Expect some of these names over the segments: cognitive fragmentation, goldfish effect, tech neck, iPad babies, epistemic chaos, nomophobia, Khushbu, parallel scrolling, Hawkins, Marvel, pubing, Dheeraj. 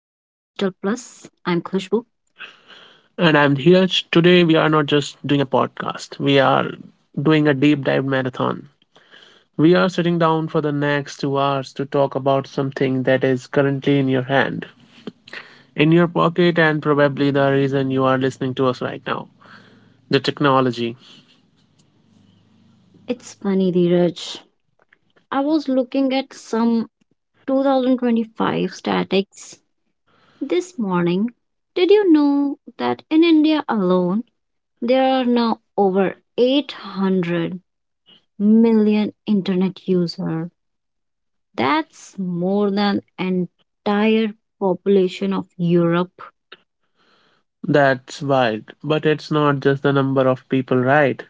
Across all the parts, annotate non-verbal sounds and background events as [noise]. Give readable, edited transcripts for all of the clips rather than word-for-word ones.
I'm Khushbu. And I'm Dheeraj. Today, we are not just doing a podcast, we are doing a deep dive marathon. We are sitting down for the next 2 hours to talk about something that is currently in your hand, in your pocket, and probably the reason you are listening to us right now the technology. It's funny, Dheeraj. I was looking at some 2025 statics this morning. Did you know that in India alone, there are now over 800 million internet users? That's more than entire population of Europe. That's wild, but it's not just the number of people, right?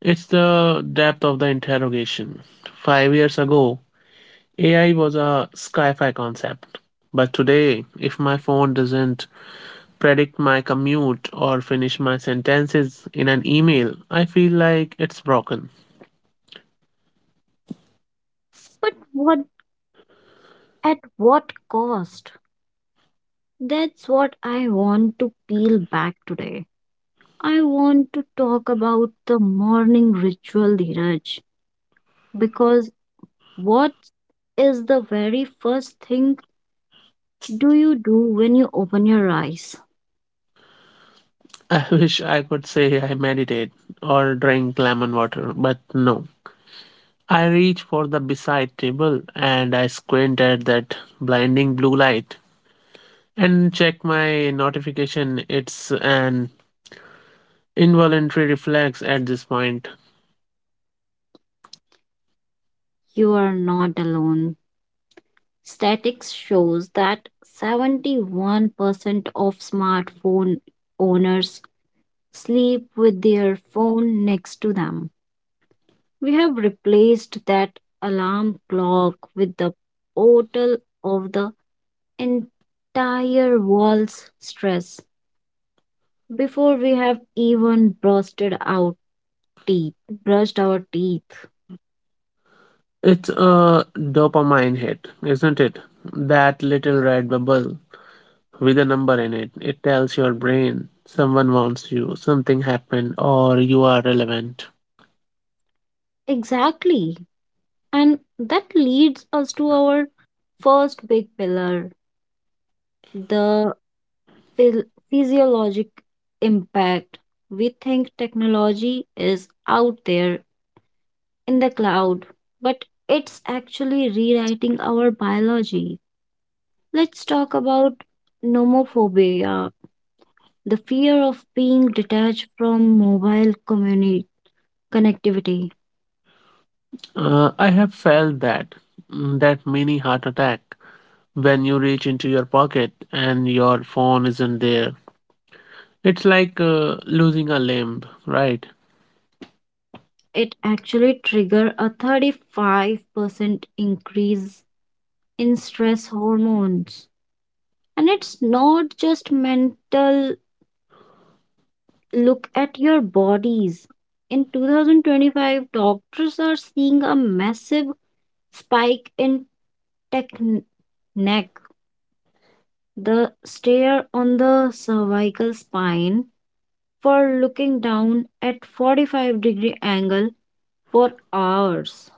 It's the depth of the interrogation. 5 years ago, AI was a sci fi concept. But today, if my phone doesn't predict my commute or finish my sentences in an email, I feel like it's broken. But what at what cost? That's what I want to peel back today. I want to talk about the morning ritual, Dheeraj, because what is the very first thing do you do when you open your eyes? [laughs] I wish I could say I meditate or drink lemon water, but no. I reach for the beside table and I squint at that blinding blue light and check my notification. It's an involuntary reflex at this point. You are not alone. Statistics shows that 71% of smartphone owners sleep with their phone next to them. We have replaced that alarm clock with the portal of the entire world's stress before we have even brushed our teeth. Brushed our teeth. It's a dopamine hit, isn't it? That little red bubble with a number in it. It tells your brain someone wants you, something happened, or you are relevant. Exactly. And that leads us to our first big pillar, the phil- physiologic impact. We think technology is out there in the cloud, but it's actually rewriting our biology. Let's talk about nomophobia, the fear of being detached from connectivity. I have felt that that mini heart attack when you reach into your pocket and your phone isn't there. It's like losing a limb, right? It actually triggered a 35% increase in stress hormones. And it's not just mental, look at your bodies. In 2025, doctors are seeing a massive spike in tech neck, the stare on the cervical spine for looking down at 45-degree angle for hours.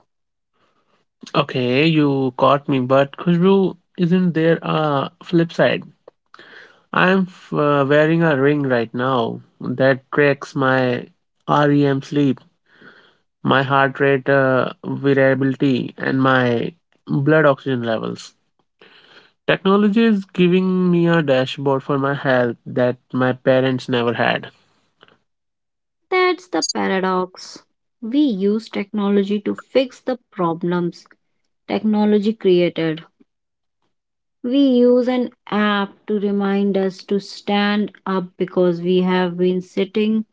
Okay, you caught me, but Khushbu, isn't there a flip side? I'm wearing a ring right now that tracks my REM sleep, my heart rate variability, and my blood oxygen levels. Technology is giving me a dashboard for my health that my parents never had. That's the paradox. We use technology to fix the problems technology created. We use an app to remind us to stand up because we have been sitting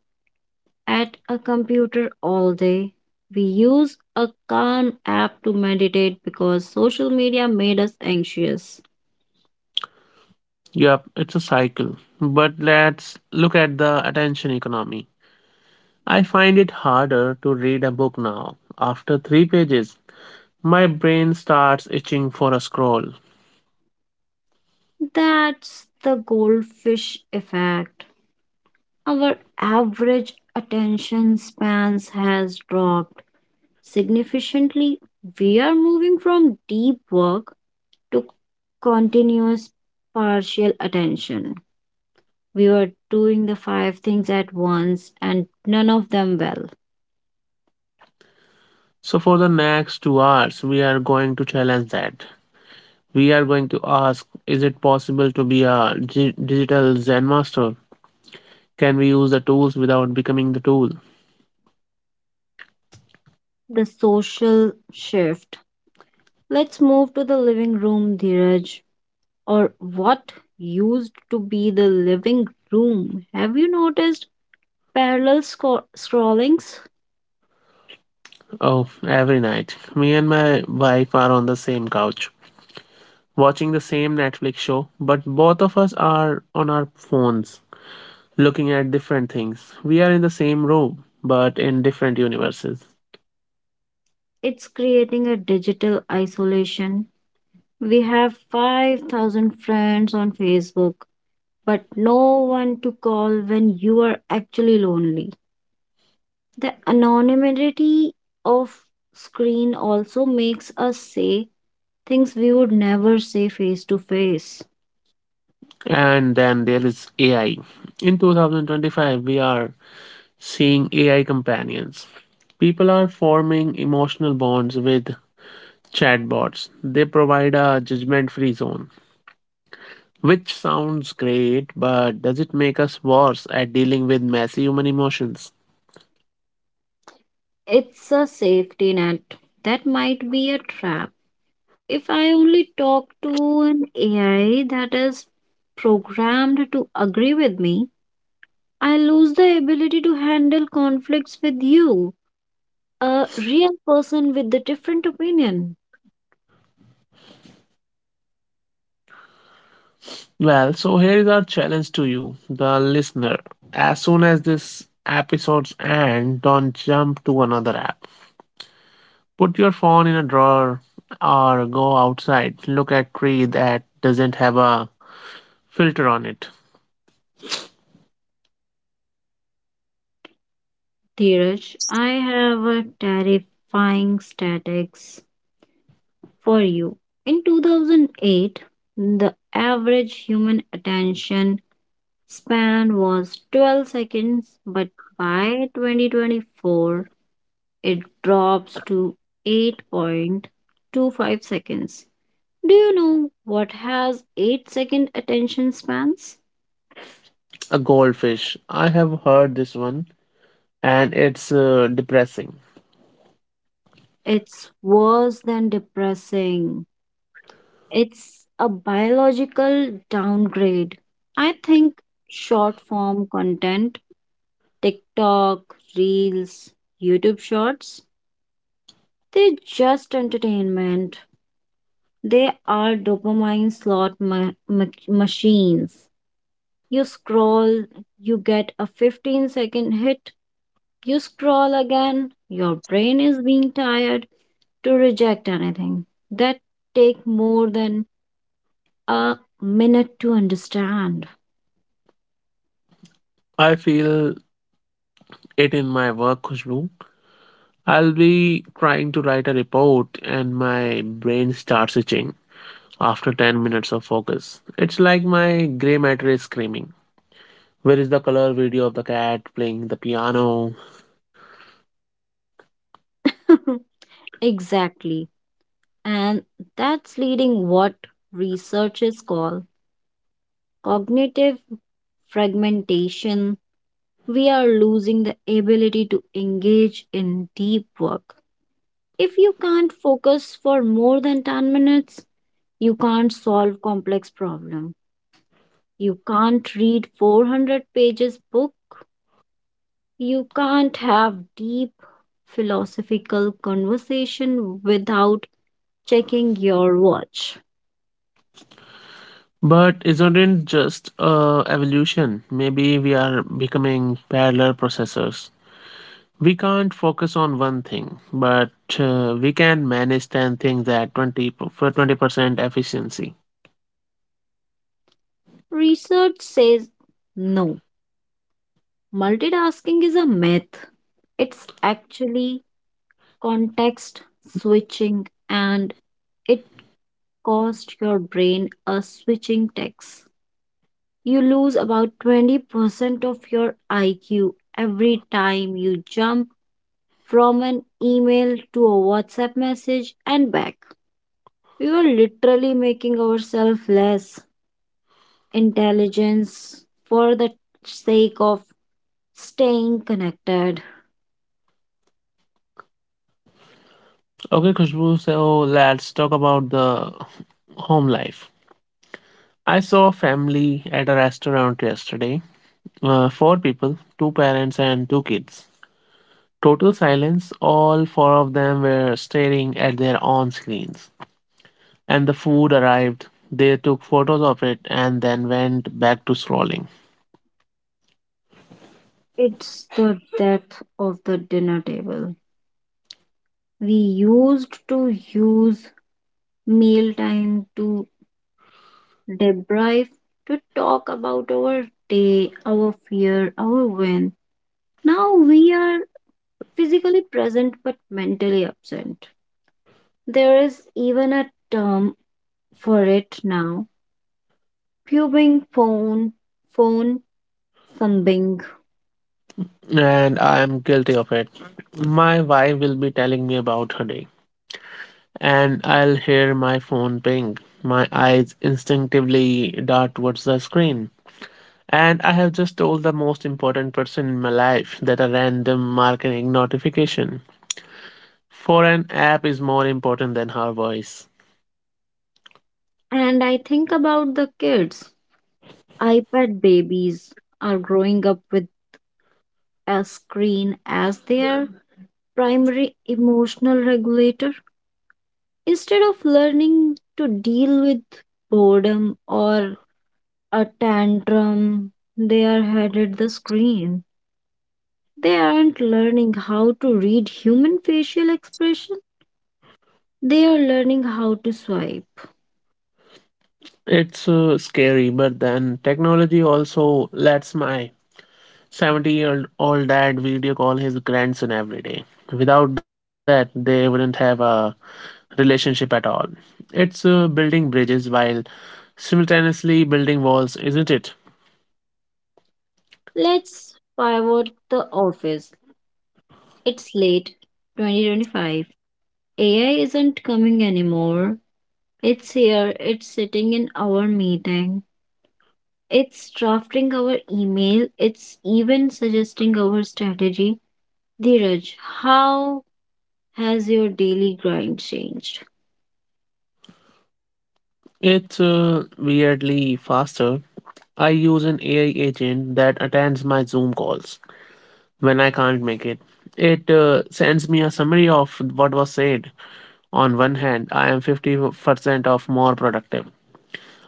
at a computer all day. We use a calm app to meditate because social media made us anxious. Yup, it's a cycle. But let's look at the attention economy. I find it harder to read a book now. After three pages, my brain starts itching for a scroll. That's the goldfish effect. Our average attention spans has dropped significantly. We are moving from deep work to continuous partial attention. We were doing the five things at once and none of them well. So, for the next 2 hours, we are going to challenge that. We are going to ask, is it possible to be a G digital Zen master? Can we use the tools without becoming the tool? The social shift. Let's move to the living room, Dheeraj, or what used to be the living room. Have you noticed parallel scrollings? Oh, every night. Me and my wife are on the same couch, watching the same Netflix show, but both of us are on our phones, looking at different things. We are in the same room, but in different universes. It's creating a digital isolation. We have 5,000 friends on Facebook, but no one to call when you are actually lonely. The anonymity of screen also makes us say things we would never say face to face. And then there is AI. In 2025, we are seeing AI companions. People are forming emotional bonds with Chatbots, they provide a judgment free zone, which sounds great, but does it make us worse at dealing with messy human emotions? It's a safety net. That might be a trap. If I only talk to an AI that is programmed to agree with me, I lose the ability to handle conflicts with you, a real person with a different opinion. Well, so here is our challenge to you, the listener. As soon as this episode's end, don't jump to another app. Put your phone in a drawer or go outside, look at tree that doesn't have a filter on it. Dheeraj, I have a terrifying statistics for you. In 2008, the average human attention span was 12 seconds, but by 2024, it drops to 8.25 seconds. Do you know what has 8-second attention spans? A goldfish. I have heard this one and it's depressing. It's worse than depressing. It's a biological downgrade. I think short form content, TikTok, Reels, YouTube Shorts, they're just entertainment. They are dopamine slot machines. You scroll, you get a 15-second hit, you scroll again. Your brain is being tired to reject anything that take more than a minute to understand. I feel it in my work, Khushbu. I'll be trying to write a report and my brain starts itching after 10 minutes of focus. It's like my gray matter is screaming. Where is the color video of the cat playing the piano? [laughs] Exactly. And that's leading what researchers call cognitive fragmentation, we are losing the ability to engage in deep work. If you can't focus for more than 10 minutes, you can't solve complex problem. You can't read 400 pages book. You can't have deep philosophical conversation without checking your watch. But isn't it just evolution? Maybe we are becoming parallel processors. We can't focus on one thing, but we can manage 10 things at for 20% efficiency. Research says no. Multitasking is a myth. It's actually context switching, and it cost your brain a switching tax. You lose about 20% of your IQ every time you jump from an email to a WhatsApp message and back. We are literally making ourselves less intelligence for the sake of staying connected. Okay, Khushbu, so let's talk about the home life. I saw a family at a restaurant yesterday. Four people, two parents and two kids. Total silence, all four of them were staring at their own screens. And the food arrived. They took photos of it and then went back to scrolling. It's the death of the dinner table. We used to use mealtime to debrief, to talk about our day, our fear, our win. Now we are physically present but mentally absent. There is even a term for it now, pubing phone, phone thumbing. And I am guilty of it. My wife will be telling me about her day, and I'll hear my phone ping. My eyes instinctively dart towards the screen. And I have just told the most important person in my life that a random marketing notification for an app is more important than her voice. And I think about the kids. iPad babies are growing up with a screen as their primary emotional regulator. Instead of learning to deal with boredom or a tantrum, they are headed the screen. They aren't learning how to read human facial expression. They are learning how to swipe. It's scary, but then technology also lets my 70-year-old dad video call his grandson every day. Without that, they wouldn't have a relationship at all. It's building bridges while simultaneously building walls, isn't it? Let's pivot the office. It's late 2025. AI isn't coming anymore. It's here. It's sitting in our meeting. It's drafting our email. It's even suggesting our strategy. Dheeraj, how has your daily grind changed? It's weirdly faster. I use an AI agent that attends my Zoom calls when I can't make it. It sends me a summary of what was said. On one hand, I am 50% of more productive.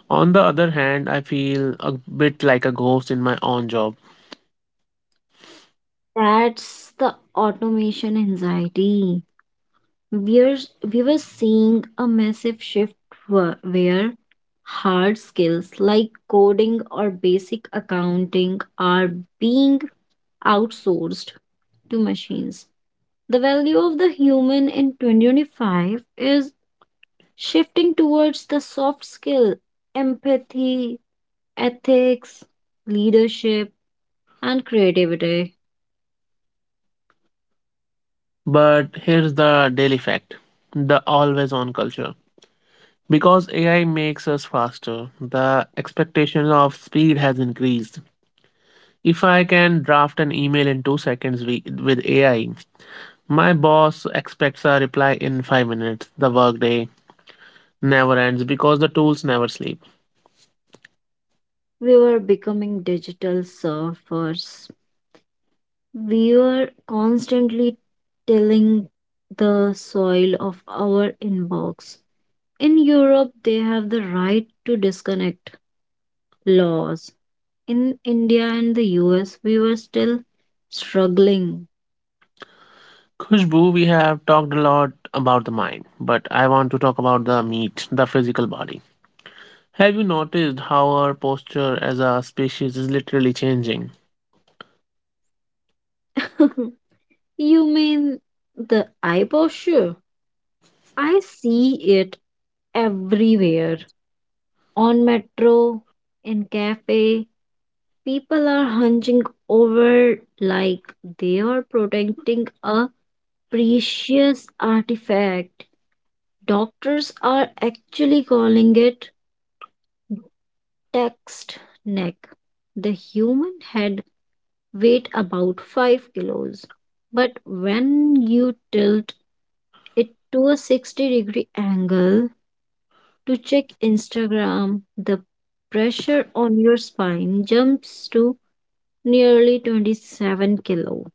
On the other hand, I feel a bit like a ghost in my own job. That's the automation anxiety. We're, we were seeing a massive shift where hard skills like coding or basic accounting are being outsourced to machines. The value of the human in 2025 is shifting towards the soft skill, empathy, ethics, leadership and creativity. But here's the daily fact, the always on culture. Because AI makes us faster, the expectation of speed has increased. If I can draft an email in 2 seconds with AI, my boss expects a reply in 5 minutes. The workday never ends because the tools never sleep. We were becoming digital surfers. We were constantly tilling the soil of our inbox. In Europe, they have the right to disconnect laws. In India and the US, we were still struggling. Khushbu, we have talked a lot about the mind, but I want to talk about the meat, the physical body. Have you noticed how our posture as a species is literally changing? [laughs] You mean the eye posture? I see it everywhere, on metro, in cafe, people are hunching over like they are protecting a precious artifact. Doctors are actually calling it text neck. The human head weight about 5 kilos. But when you tilt it to a 60-degree angle to check Instagram, the pressure on your spine jumps to nearly 27 kilo.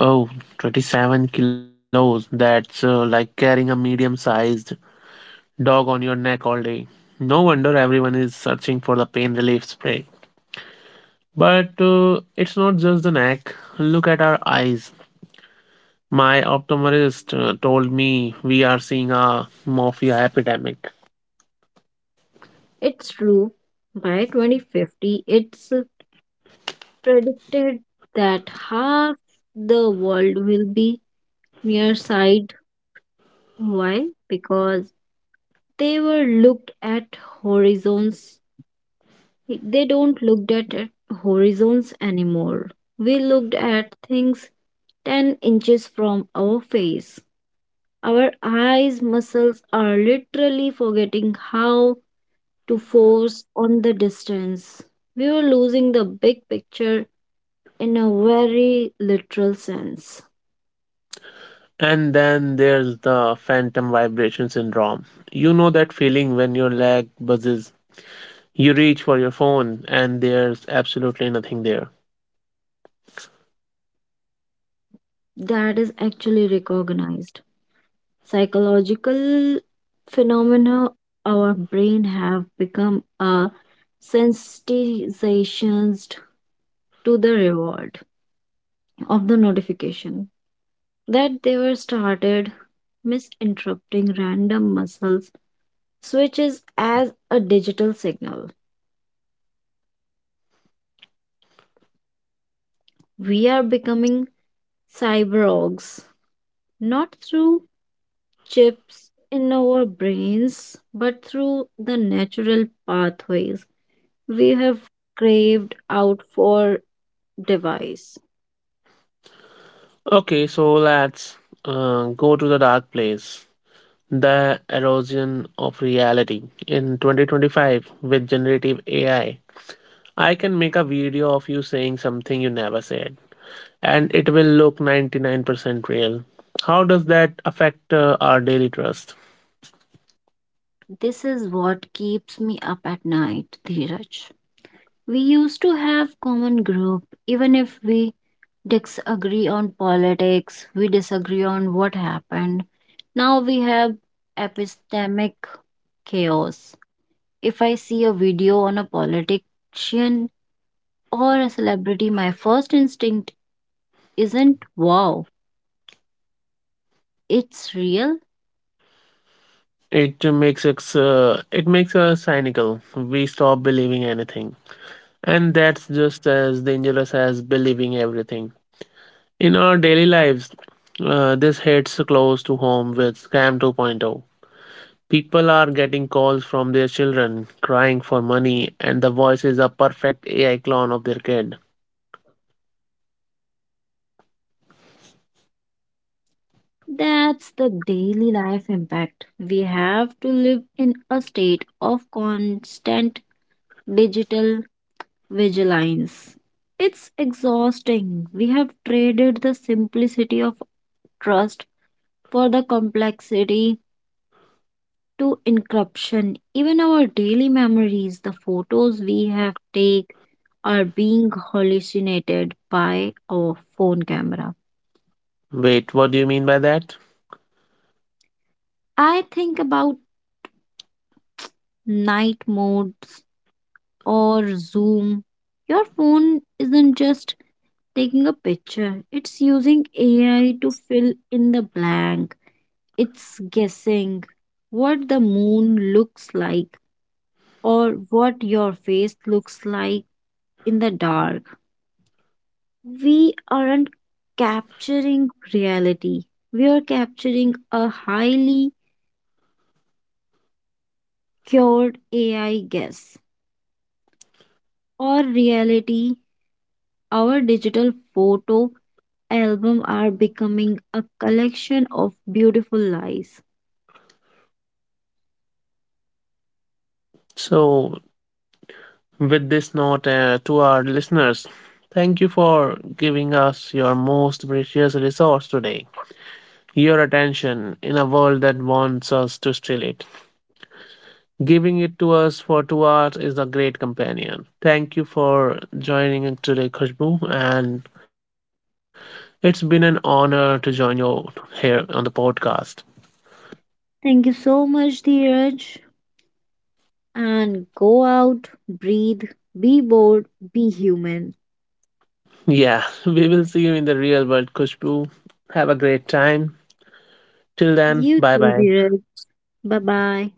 Oh, 27 kilos. That's like carrying a medium sized dog on your neck all day. No wonder everyone is searching for the pain relief spray. But it's not just the neck. Look at our eyes. My optometrist told me we are seeing a morphia epidemic. It's true. By 2050, it's predicted that half the world will be nearsighted. Why? Because they were looked at horizons. They don't looked at horizons anymore. We looked at things 10 inches from our face. Our eyes muscles are literally forgetting how to force on the distance. We were losing the big picture in a very literal sense. And then there's the phantom vibration syndrome. You know that feeling when your leg buzzes, you reach for your phone, and there's absolutely nothing there. That is actually recognized psychological phenomena, our brain have become a sensitized to the reward of the notification that they were started misinterpreting random muscles switches as a digital signal. We are becoming cyborgs not through chips in our brains, but through the natural pathways we have craved out for device. Okay, so let's go to the dark place. The erosion of reality. In 2025, with generative AI, I can make a video of you saying something you never said, and it will look 99% real. How does that affect our daily trust? This is what keeps me up at night, Dheeraj. We used to have common group, even if we disagree on politics, we disagree on what happened. Now we have epistemic chaos. If I see a video on a politician or a celebrity, my first instinct isn't wow, it's real. It makes us cynical. We stop believing anything, and that's just as dangerous as believing everything. In our daily lives, this hits close to home with Scam 2.0. People are getting calls from their children crying for money, and the voice is a perfect AI clone of their kid. That's the daily life impact. We have to live in a state of constant digital vigilance. It's exhausting. We have traded the simplicity of trust for the complexity to encryption. Even our daily memories, the photos we have take, are being hallucinated by our phone camera. Wait, what do you mean by that? I think about night modes or Zoom. Your phone isn't just taking a picture, it's using AI to fill in the blank. It's guessing what the moon looks like or what your face looks like in the dark. We aren't capturing reality, we are capturing a highly cured AI guess or reality. Our digital photo album are becoming a collection of beautiful lies. So, with this note to our listeners, thank you for giving us your most precious resource today, your attention in a world that wants us to steal it. Giving it to us for 2 hours is a great companion. Thank you for joining in today, Khushbu, and it's been an honor to join you here on the podcast. Thank you so much, Dheeraj. And go out, breathe, be bold, be human. Yeah, [laughs] we will see you in the real world, Khushbu. Have a great time. Till then, You bye too, bye. Dheeraj. Bye bye.